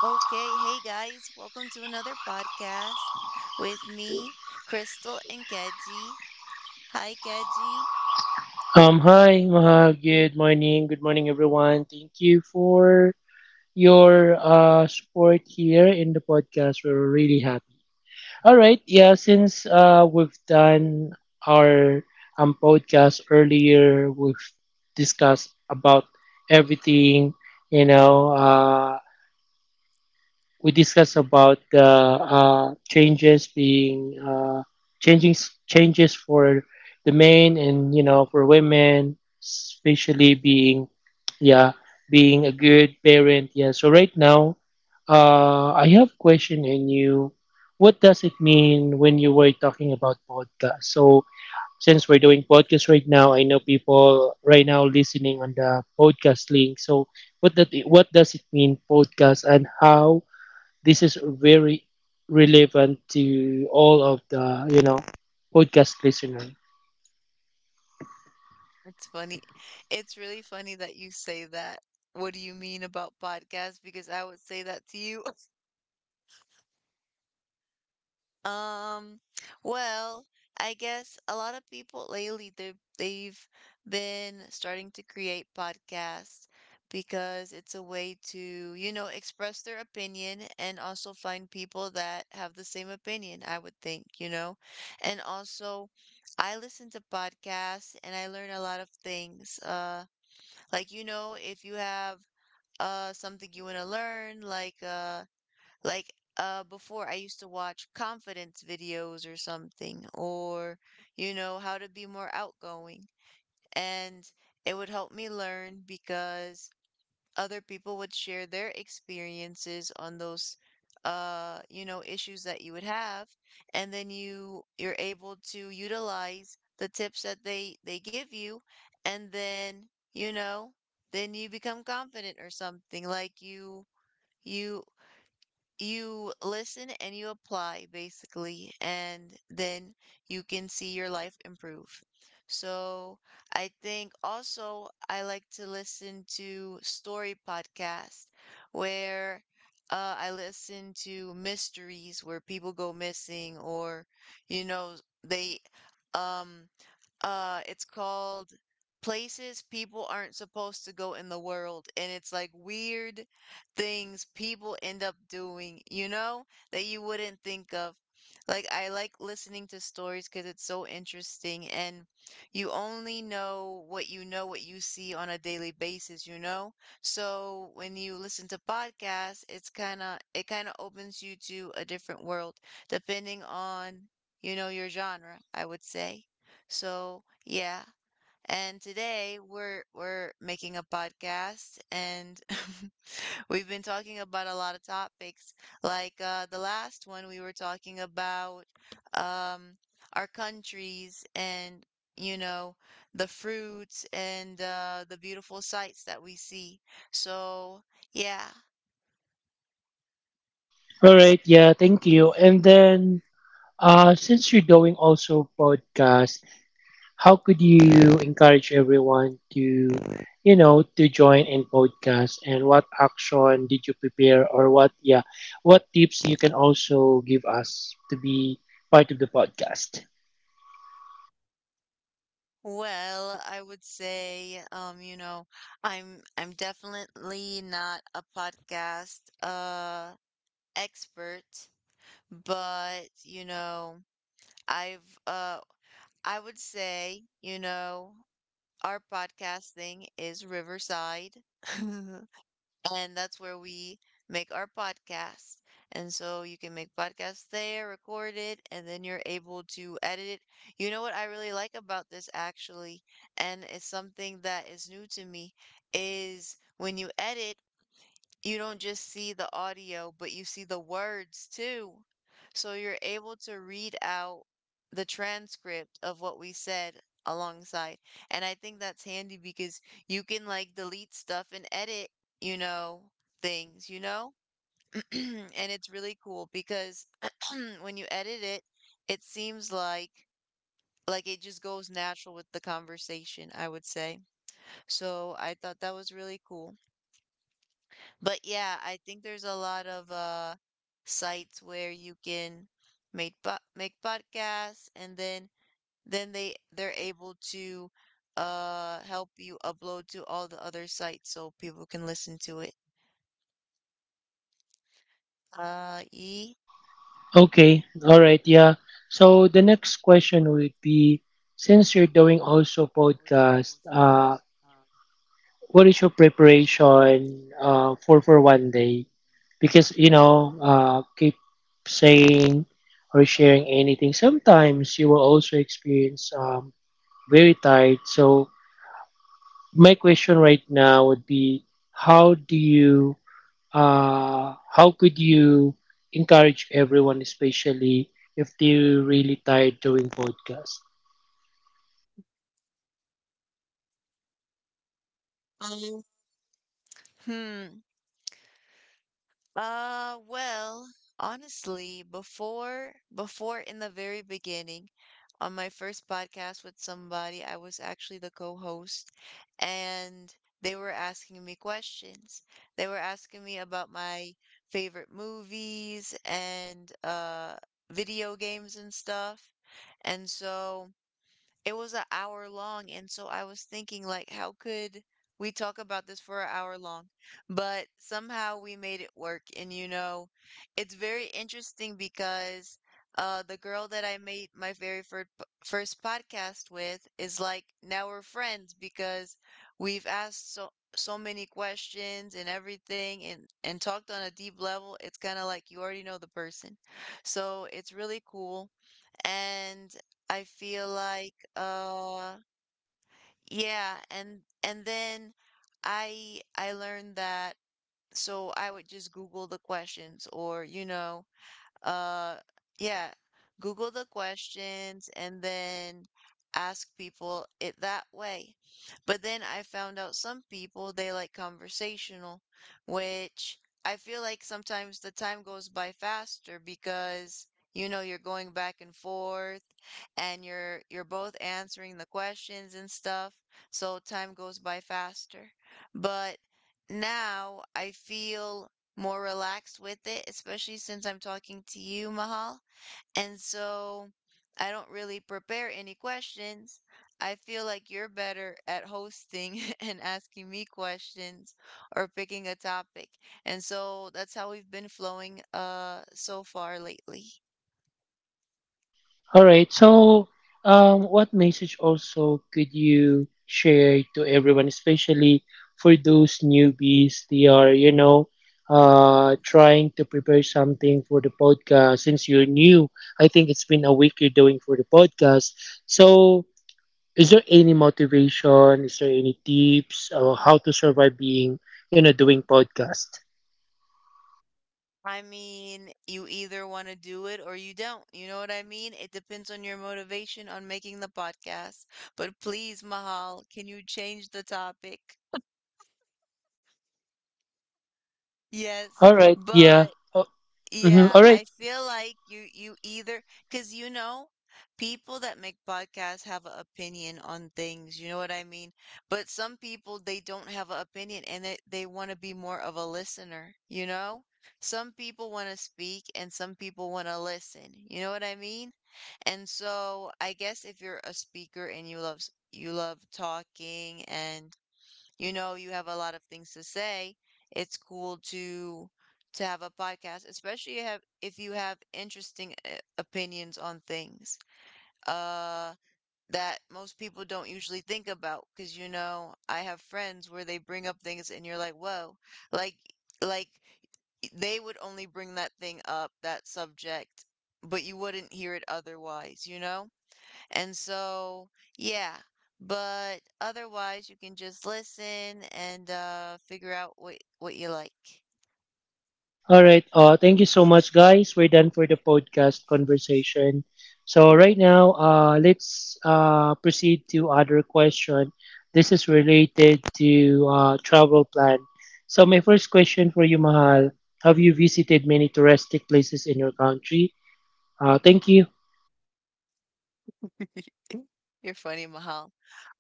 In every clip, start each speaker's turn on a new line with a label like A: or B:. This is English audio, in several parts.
A: Okay, hey guys, welcome to another podcast with me, Crystal and Keji. Hi, Keji.
B: Hi, Maha. Good morning. Good morning, everyone. Thank you for your support here in the podcast. We're really happy. All right. Yeah, since we've done our podcast earlier, we've discussed about everything, you know. We discussed about the changes being changing changes for the men and, you know, for women, especially
A: Mm,
B: being, yeah, being a good parent, yeah. So right now, I have question in you. What does it mean when you were talking about podcast? So since we're doing podcast right now, I know people right now listening on the podcast link. So what that what does it mean podcast, and how this is very relevant to all of the, podcast listener.
A: It's funny. It's really funny that you say that. What do you mean about podcasts? Because I would say that to you. Um, well, I guess a lot of people lately they've been starting to create podcasts because it's a way to, you know, express their opinion and also find people that have the same opinion, I would think, you know. And also I listen to podcasts and I learn a lot of things. Like you know, if you have something you want to learn, like before I used to watch confidence videos or something, or, you know, how to be more outgoing. And it would help me learn because other people would share their experiences on those, you know, issues that you would have. And then you're able to utilize the tips that they give you. And then, you know, then you become confident or something like you you listen and you apply basically, and then you can see your life improve. So I think also I like to listen to story podcasts where I listen to mysteries where people go missing or you know they um it's called Places People Aren't Supposed to Go in the World. And it's like weird things people end up doing, you know, that you wouldn't think of. Like, I like listening to stories because it's so interesting, and you only know, what you see on a daily basis, you know? So when you listen to podcasts, it kind of opens you to a different world, depending on, you know, your genre, I would say. So, yeah. And today we're making a podcast and we've been talking about a lot of topics. Like the last one we were talking about um our countries and you know the fruits and the beautiful sights that we see. So, yeah.
B: All right, yeah, thank you. And then since you're doing also podcast, how could you encourage everyone to, you know, to join in podcast, and what action did you prepare or what, yeah, what tips you can also give us to be part of the podcast?
A: Well, I would say, you know, I'm definitely not a podcast. Expert, but you know, I've uh I would say, you know, our podcast thing is Riverside. And that's where we make our podcast. And so you can make podcasts there, record it, and then you're able to edit it. You know what I really like about this actually, and it's something that is new to me, is when you edit you don't just see the audio, but you see the words too. So you're able to read out the transcript of what we said alongside. And I think that's handy because you can like delete stuff and edit, you know, things, you know? And it's really cool because when you edit it, it seems like it just goes natural with the conversation, I would say. So I thought that was really cool. But yeah, I think there's a lot of sites where you can make podcasts, and then they're able to help you upload to all the other sites so people can listen to it. Uh e
B: Okay, all right, yeah. So the next question would be, since you're doing also podcast, what is your preparation for one day? Because, you know, keep saying or sharing anything. Sometimes you will also experience very tired. So my question right now would be, how do you how could you encourage everyone, especially if they're really tired doing podcast?
A: um, hmm. Uh, well, Honestly, before before in the very beginning, on my first podcast with somebody, I was actually the co-host, and they were asking me questions. They were asking me about my favorite movies and video games and stuff. And so it was an hour long, and so I was thinking, like, how could we talk about this for an hour long? But somehow we made it work, and you know, it's very interesting because the girl that I made my first podcast with is like now we're friends because we've asked so many questions and everything and talked on a deep level. It's kind of like you already know the person, so it's really cool. And I feel like and then I learned that. So I would just Google the questions or you know, uh, yeah, Google the questions and then ask people it that way. But then I found out some people they like conversational, which I feel like sometimes the time goes by faster because you know you're going back and forth and you're both answering the questions and stuff, so time goes by faster. But now I feel more relaxed with it, especially since I'm talking to you, Mahal. And so I don't really prepare any questions. I feel like you're better at hosting and asking me questions or picking a topic. And so that's how we've been flowing so far lately.
B: All right. So, what message also could you share to everyone, especially for those newbies? They are, you know, trying to prepare something for the podcast. Since you're new, I think it's been a week you're doing for the podcast. So, is there any motivation? Is there any tips or how to survive being, you know, doing podcast?
A: I mean, you either want to do it or you don't. You know what I mean? It depends on your motivation on making the podcast. But please, Mahal, can you change the topic? Yes,
B: All right. Yeah.
A: but
B: Oh, mhm.
A: yeah,
B: All
A: I
B: right.
A: feel like you either, because you know people that make podcasts have an opinion on things, you know what I mean? But some people they don't have an opinion and they want to be more of a listener, you know? Some people want to speak and some people want to listen, you know what I mean? And so I guess if you're a speaker and you love you love talking and you know, you have a lot of things to say. It's cool to have a podcast, especially have if you have interesting opinions on things uh that most people don't usually think about. Because you know, I have friends where they bring up things and you're like, whoa, like like they would only bring that thing up, that subject, but you wouldn't hear it otherwise, you know? And so, yeah, but otherwise you can just listen and figure out what you like.
B: All right. Thank you so much, guys. We're done for the podcast conversation. So right now, let's proceed to other question. This is related to travel plan. So my first question for you, Mahal, have you visited many touristic places in your country? Thank you.
A: You're funny, Mahal.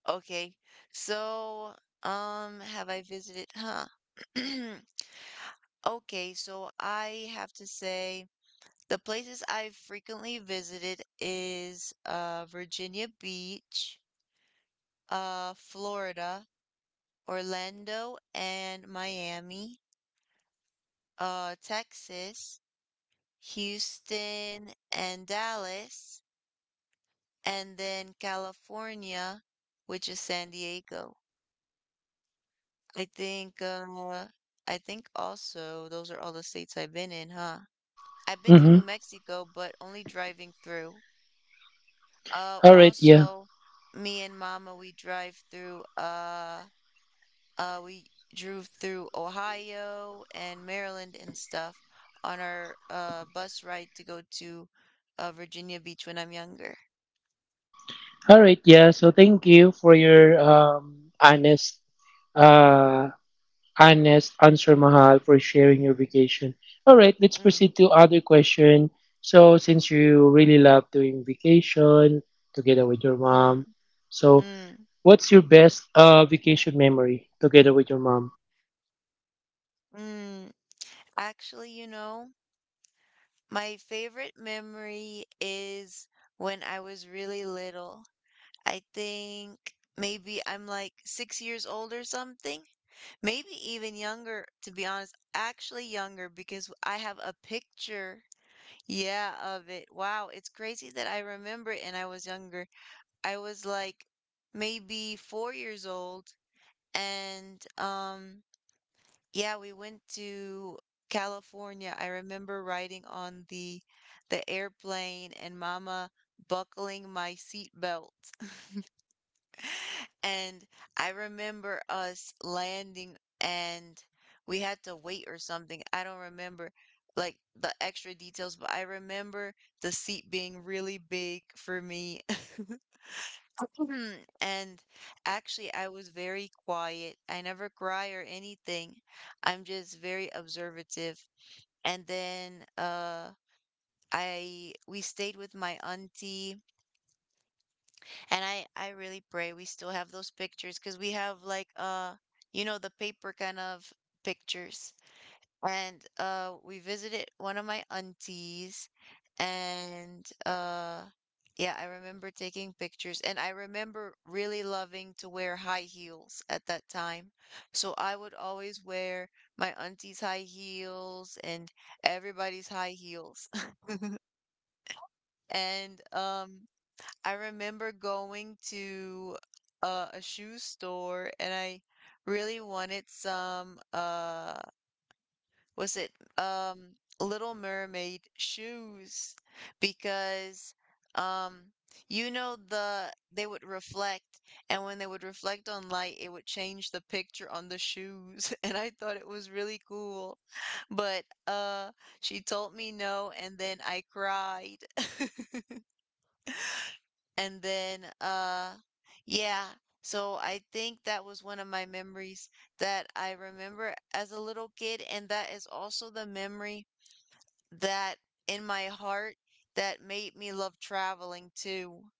A: Okay. So, have I visited? Huh. Okay, so I have to say the places I've frequently visited is Virginia Beach, Florida, Orlando and Miami, Texas, Houston and Dallas, and then California, which is San Diego. I think uh, I think also those are all the states I've been in, huh? I've been to
B: Mm-hmm.
A: New Mexico, but only driving through.
B: All right. Yeah.
A: Also, me and Mama, we drove through Ohio and Maryland and stuff on our bus ride to go to Virginia Beach when I'm younger.
B: All right, yeah. So thank you for your honest uh honest answer, Mahal, for sharing your vacation. All right, let's
A: Mm,
B: proceed to other question. So since you really love doing vacation together with your
A: mm,
B: mom, so
A: mm,
B: what's your best vacation memory together with your mom?
A: mm. Actually, you know, my favorite memory is when I was really little. I think maybe I'm like 6 years old or something. Maybe even younger, to be honest. Actually younger because I have a picture, yeah, of it. Wow, it's crazy that I remember it and I was younger. I was like maybe 4 years old. And yeah, we went to California. I remember riding on the airplane and mama buckling my seat belt. And I remember us landing and we had to wait or something. I don't remember like the extra details, but I remember the seat being really big for me. And actually, I was very quiet. I never cry or anything. I'm just very observative. And then I we stayed with my auntie. And I really pray we still have those pictures because we have like you know the paper kind of pictures. And we visited one of my aunties and yeah, I remember taking pictures and I remember really loving to wear high heels at that time. So I would always wear my auntie's high heels and everybody's high heels. And I remember going to a shoe store, and I really wanted some was it Little Mermaid shoes because um you know they would reflect, and when they would reflect on light it would change the picture on the shoes and I thought it was really cool, but she told me no and then I cried. And then, yeah, so I think that was one of my memories that I remember as a little kid, and that is also the memory that in my heart that made me love traveling too.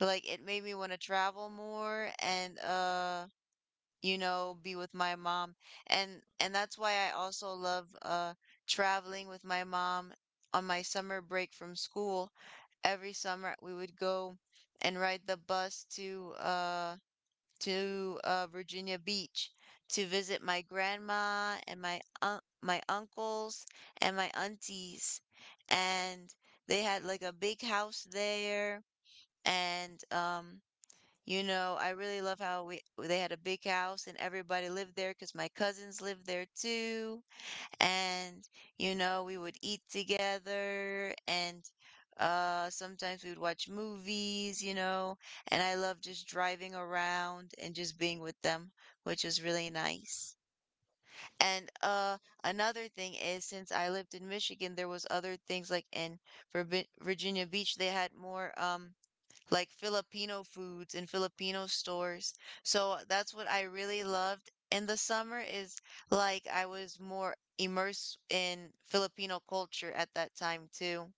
A: Like it made me want to travel more and, you know, be with my mom. And that's why I also love traveling with my mom on my summer break from school. Every summer we would go and ride the bus to Virginia Beach to visit my grandma and my uncles and my aunties. And they had like a big house there. And you know, I really love how we they had a big house and everybody lived there, cuz my cousins lived there too. And you know, we would eat together, and sometimes we would watch movies, you know. And I love just driving around and just being with them, which was really nice. And another thing is, since I lived in Michigan, there was other things like in Virginia Beach. They had more like Filipino foods and Filipino stores. So that's what I really loved in the summer, is like I was more immersed in Filipino culture at that time too.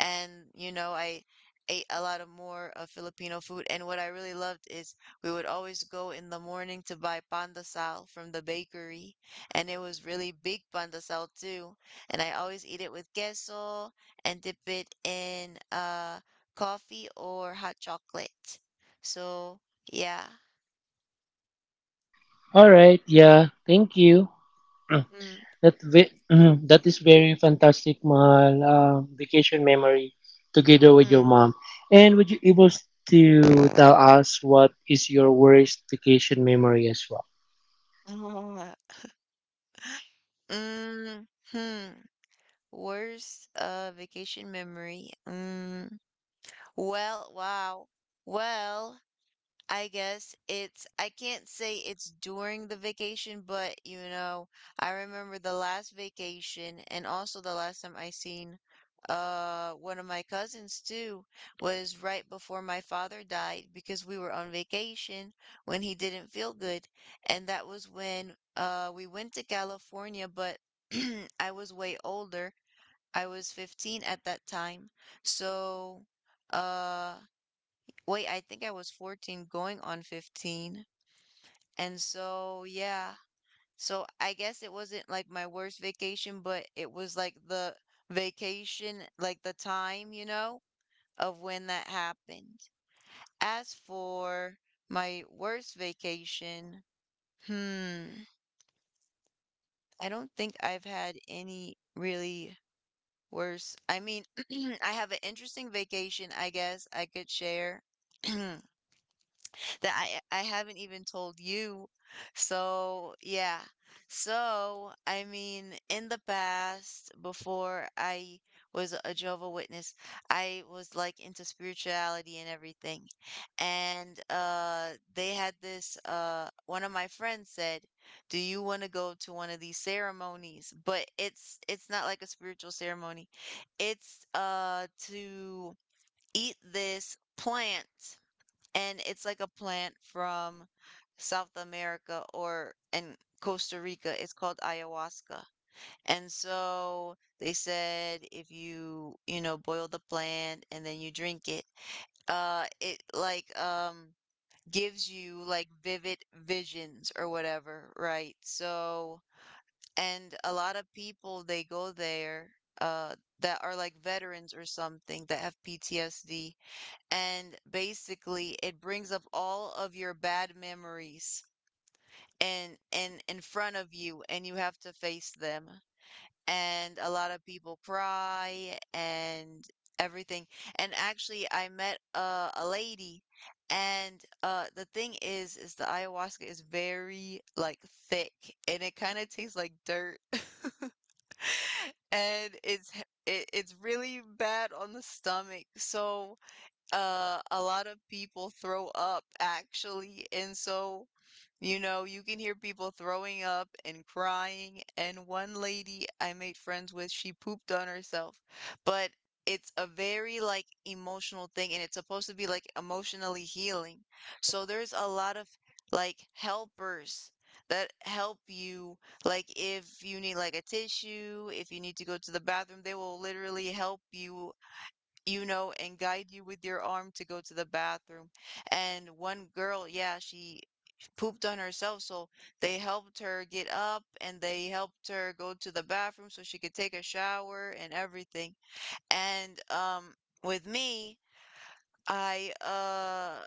A: And you know, I ate a lot of more of Filipino food, and what I really loved is we would always go in the morning to buy pandesal from the bakery. And it was really big pandesal too, and I always eat it with queso and dip it in coffee or hot chocolate. So yeah.
B: All right, yeah. Thank you.
A: mm,
B: That ve- that is very fantastic, Mahal. Vacation memory together with your
A: mm.
B: mom. And would you able to tell us what is your worst vacation memory as well?
A: Oh. Mm-hmm. Worst vacation memory. Mm. Well, wow. Well, I guess it's, I can't say it's during the vacation, but you know, I remember the last vacation, and also the last time I seen one of my cousins too, was right before my father died, because we were on vacation when he didn't feel good. And that was when we went to California, but I was way older. I was 15 at that time. So uh wait, I think I was 14 going on 15. And so, yeah. So I guess it wasn't like my worst vacation, but it was like the vacation, like the time, you know, of when that happened. As for my worst vacation, hmm, I don't think I've had any really worse. I mean, I have an interesting vacation, I guess I could share. That I haven't even told you. So, yeah. So, I mean, in the past, before I was a Jehovah Witness, I was like into spirituality and everything. And they had this one of my friends said, "Do you want to go to one of these ceremonies?" But it's not like a spiritual ceremony. It's to eat this plant, and it's like a plant from South America or in Costa Rica. It's called ayahuasca. And so they said if you, you know, boil the plant and then you drink it, it like gives you like vivid visions or whatever, right? So, and a lot of people they go there, that are like veterans or something, that have PTSD. And basically it brings up all of your bad memories, and in front of you, and you have to face them, and a lot of people cry and everything. And actually I met a lady, and the thing is the ayahuasca is very like thick, and it kind of tastes like dirt. And it's really bad on the stomach. So a lot of people throw up actually. And so you know, you can hear people throwing up and crying, and one lady I made friends with, she pooped on herself. But it's a very like emotional thing, and it's supposed to be like emotionally healing. So there's a lot of like helpers that help you, like if you need like a tissue, if you need to go to the bathroom, they will literally help you, you know, and guide you with your arm to go to the bathroom. And one girl, yeah, she pooped on herself, so they helped her get up, and they helped her go to the bathroom so she could take a shower and everything. And with me, I uh.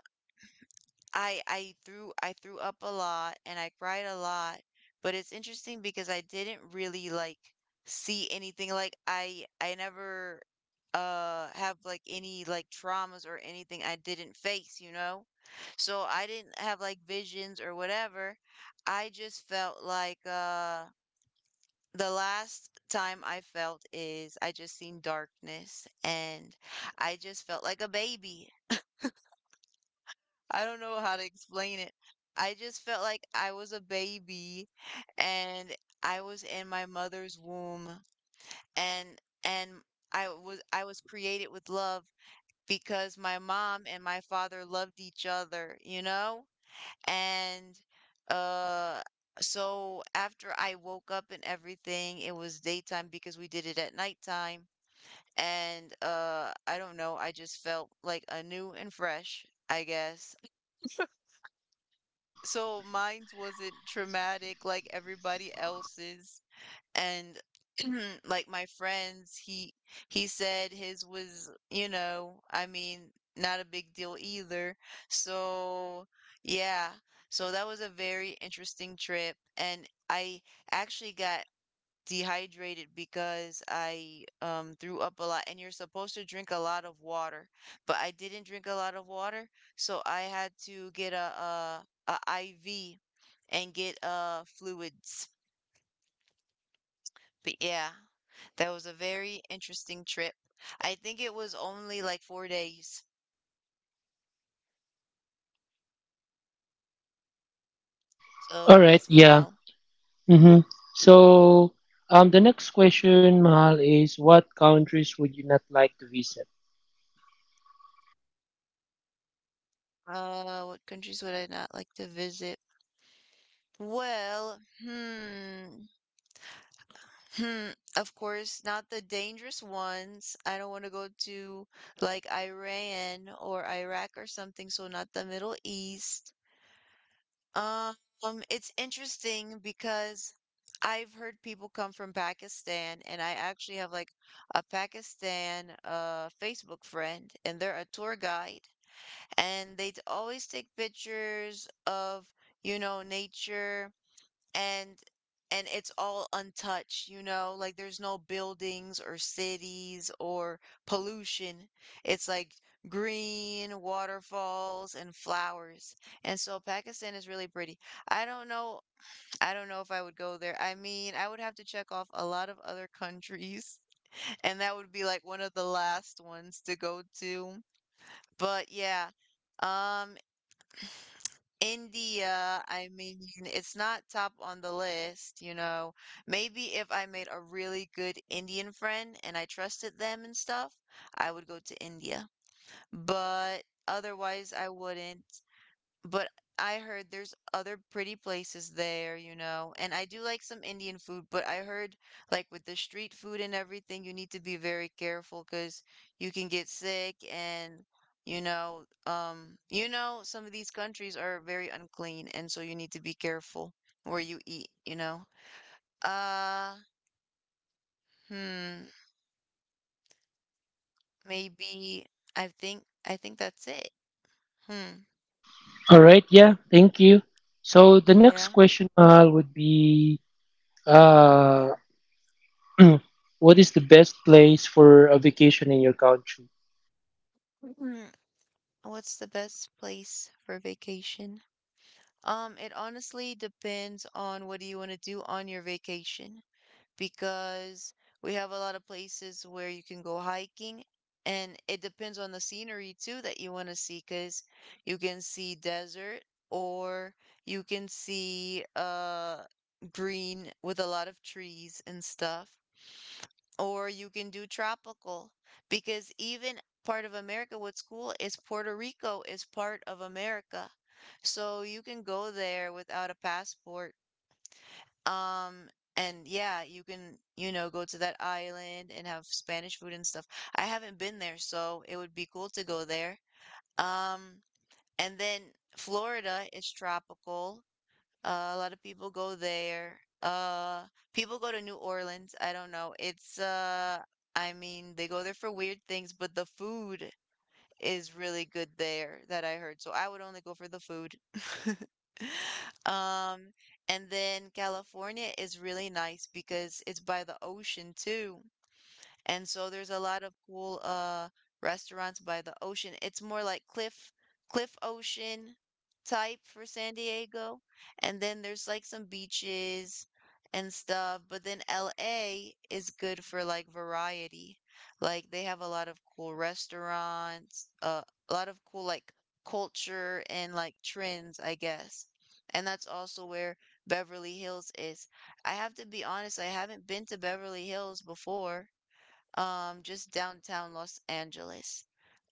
A: I threw up a lot and I cried a lot, but it's interesting because I didn't really like see anything. Like I never have like any like traumas or anything I didn't face, you know? So I didn't have like visions or whatever. I just felt like the last time I felt is I just seen darkness, and I just felt like a baby. I don't know how to explain it. I just felt like I was a baby, and I was in my mother's womb, and and I was created with love, because my mom and my father loved each other, you know? And uh so after I woke up and everything, it was daytime, because we did it at nighttime. And I don't know, I just felt like a new and fresh, I guess. So mine wasn't traumatic like everybody else's. And like my friends, he said his was, you know, I mean, not a big deal either. So yeah. So that was a very interesting trip. And I actually got dehydrated because I threw up a lot, and you're supposed to drink a lot of water, but I didn't drink a lot of water. So I had to get a IV and get fluids. But yeah, that was a very interesting trip. I think it was only like 4 days. So
B: All right.
A: yes,
B: Yeah.
A: Mahal.
B: Mm-hmm. So, the next question, Mahal, is what countries would you not like to visit?
A: What countries would I not like to visit? Well, hmm. Hmm, of course, not the dangerous ones. I don't want to go to like Iran or Iraq or something, so not the Middle East. Um, it's interesting because I've heard people come from Pakistan, and I actually have like a Pakistan Facebook friend, and they're a tour guide, and they always take pictures of, you know, nature, and and it's all untouched, you know? Like there's no buildings or cities or pollution. It's like green, waterfalls and flowers. And so Pakistan is really pretty. I don't know I don't know if I would go there. I mean, I would have to check off a lot of other countries and that would be like one of the last ones to go to. But yeah. Um India, I mean, it's not top on the list, you know. Maybe if I made a really good Indian friend and I trusted them and stuff, I would go to India. But otherwise, I wouldn't. But I heard there's other pretty places there, you know, and I do like some Indian food, but I heard like with the street food and everything, you need to be very careful, because you can get sick. And you know, some of these countries are very unclean, and so you need to be careful where you eat, you know. Uh, hmm, maybe I think that's it. Hmm,
B: All right. Yeah. Thank you. So the next
A: yeah.
B: question, Mahal, would be, uh, what is the best place for a vacation in your country?
A: Mhm. What's the best place for vacation? It honestly depends on what do you want to do on your vacation, because we have a lot of places where you can go hiking, and it depends on the scenery too that you want to see, because you can see desert, or you can see green with a lot of trees and stuff. Or you can do tropical, because even part of America, what's cool is Puerto Rico is part of America. So you can go there without a passport. Um, and yeah, you can, you know, go to that island and have Spanish food and stuff. I haven't been there, so it would be cool to go there. Um, and then Florida is tropical. A lot of people go there. People go to New Orleans. I don't know. It's I mean, they go there for weird things, but the food is really good there, that I heard. So I would only go for the food. Um, and then California is really nice because it's by the ocean too. And so there's a lot of cool restaurants by the ocean. It's more like cliff ocean type for San Diego. And then there's like some beaches and stuff, but then LA is good for like variety. Like they have a lot of cool restaurants, a lot of cool like culture and like trends, I guess. And that's also where Beverly Hills is. I have to be honest, I haven't been to Beverly Hills before, just downtown Los Angeles.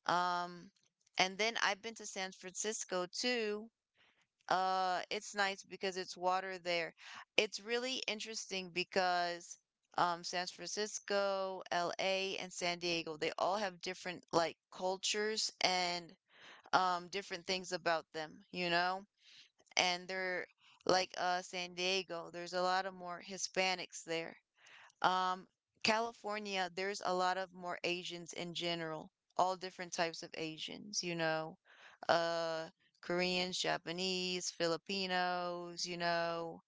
A: Um, and then I've been to San Francisco too. It's nice because it's water there. It's really interesting because San Francisco, LA, and San Diego, they all have different like cultures and different things about them, you know? And they're like San Diego, there's a lot of more Hispanics there. Um, California, there's a lot of more Asians in general, all different types of Asians, you know, uh, Koreans, Japanese, Filipinos, you know,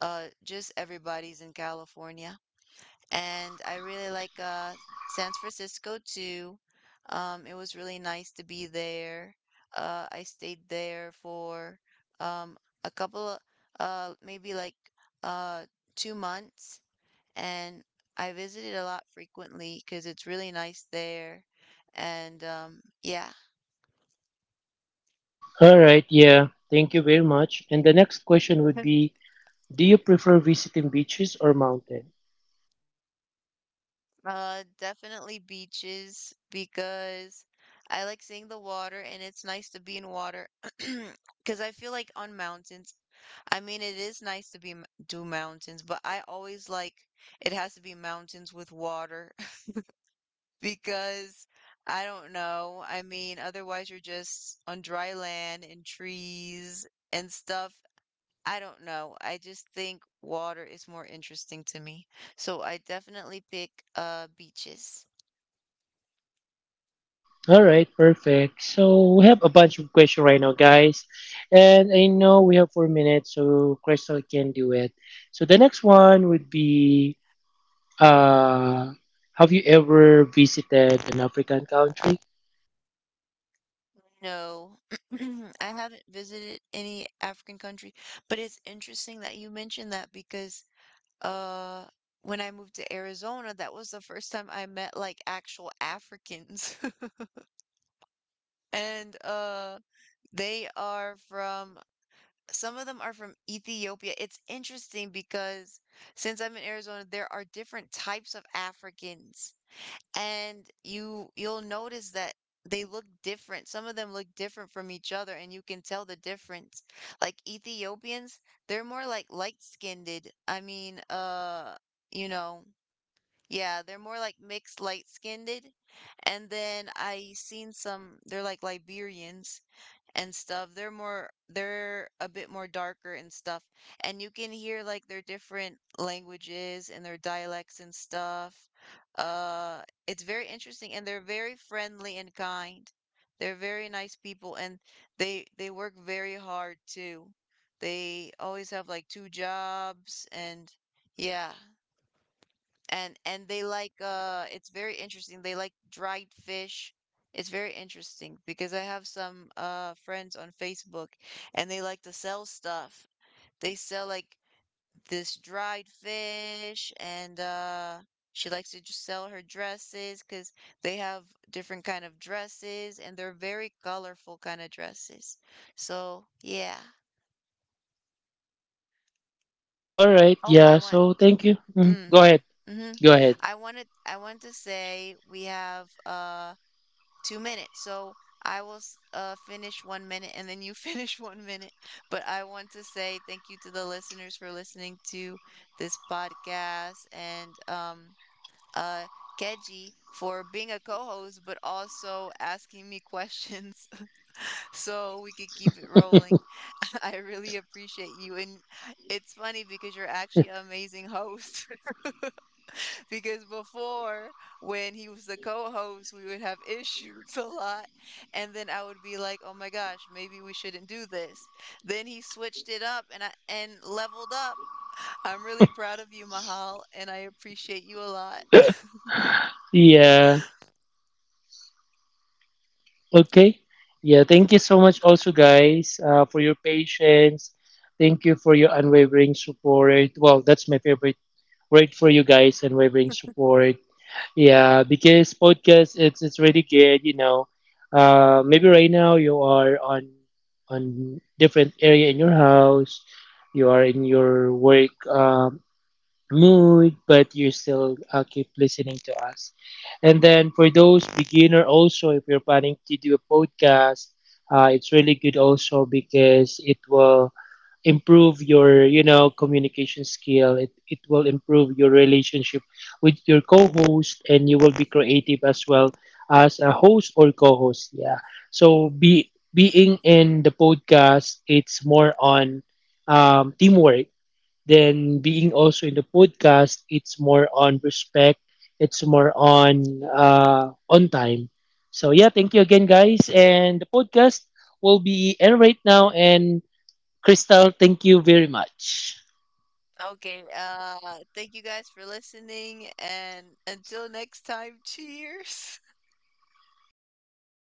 A: just everybody's in California. And I really like San Francisco too. It was really nice to be there. I stayed there for um a couple of maybe like uh 2 months, and I visited a lot frequently because it's really nice there. And yeah.
B: All right, yeah. Thank you very much. And the next question would be, do you prefer visiting beaches or mountain?
A: Definitely beaches, because I like seeing the water, and it's nice to be in water. Because I feel like on mountains, I mean, it is nice to be do mountains, but I always like, it has to be mountains with water. Because I don't know. I mean, otherwise you're just on dry land and trees and stuff. I don't know. I just think water is more interesting to me. So I definitely pick beaches.
B: All right, perfect. So we have a bunch of questions right now, guys. And I know we have 4 minutes, so Crystal can do it. So the next one would be uh, have you ever visited an African country?
A: No, I haven't visited any African country, but it's interesting that you mentioned that, because uh when I moved to Arizona, that was the first time I met like actual Africans. And they are from, some of them are from Ethiopia. It's interesting because since I'm in Arizona, there are different types of Africans. And you'll notice that they look different. Some of them look different from each other, and you can tell the difference. Like Ethiopians, they're more like light-skinned. I mean, you know, yeah, they're more like mixed light-skinned. And then I seen some, they're like Liberians and stuff. They're more, they're a bit more darker and stuff. And you can hear like their different languages and their dialects and stuff. Uh it's very interesting, and they're very friendly and kind. They're very nice people, and they work very hard too. They always have like two jobs, and yeah. And they like, it's very interesting, they like dried fish. It's very interesting because I have some friends on Facebook, and they like to sell stuff. They sell like this dried fish, and she likes to just sell her dresses, because they have different kind of dresses, and they're very colorful kind of dresses. So yeah.
B: All right,
A: oh
B: yeah.
A: I want
B: So
A: y-
B: thank you. Mhm. Go
A: mm,
B: ahead.
A: Mm-hmm.
B: Go ahead.
A: I want to say we have 2 minutes. So I will finish 1 minute and then you finish 1 minute. But I want to say thank you to the listeners for listening to this podcast, and uh, Keji for being a co host, but also asking me questions so we could keep it rolling. I really appreciate you. And it's funny because you're actually an amazing host. Because before, when he was the co-host, we would have issues a lot. And then I would be like, oh my gosh, maybe we shouldn't do this. Then he switched it up, and I, and leveled up. I'm really proud of you, Mahal, and I appreciate you a lot.
B: Yeah. Okay. Yeah, thank you so much also, guys, for your patience. Thank you for your unwavering support. Well, that's my favorite word for you guys, unwavering support. Yeah, because podcast it's really good, you know. Uh, maybe right now you are on different area in your house, you are in your work mood, but you still keep listening to us. And then for those beginner also, if you're planning to do a podcast, it's really good also because it will improve your, you know, communication skill. It will improve your relationship with your co-host, and you will be creative as well as a host or co-host, yeah. So be being in the podcast, it's more on teamwork. Then being also in the podcast, it's more on respect. It's more on time. So yeah, thank you again, guys. And the podcast will be end right now. And Crystal, thank you very much.
A: Okay, thank you guys for listening, and until next time, cheers.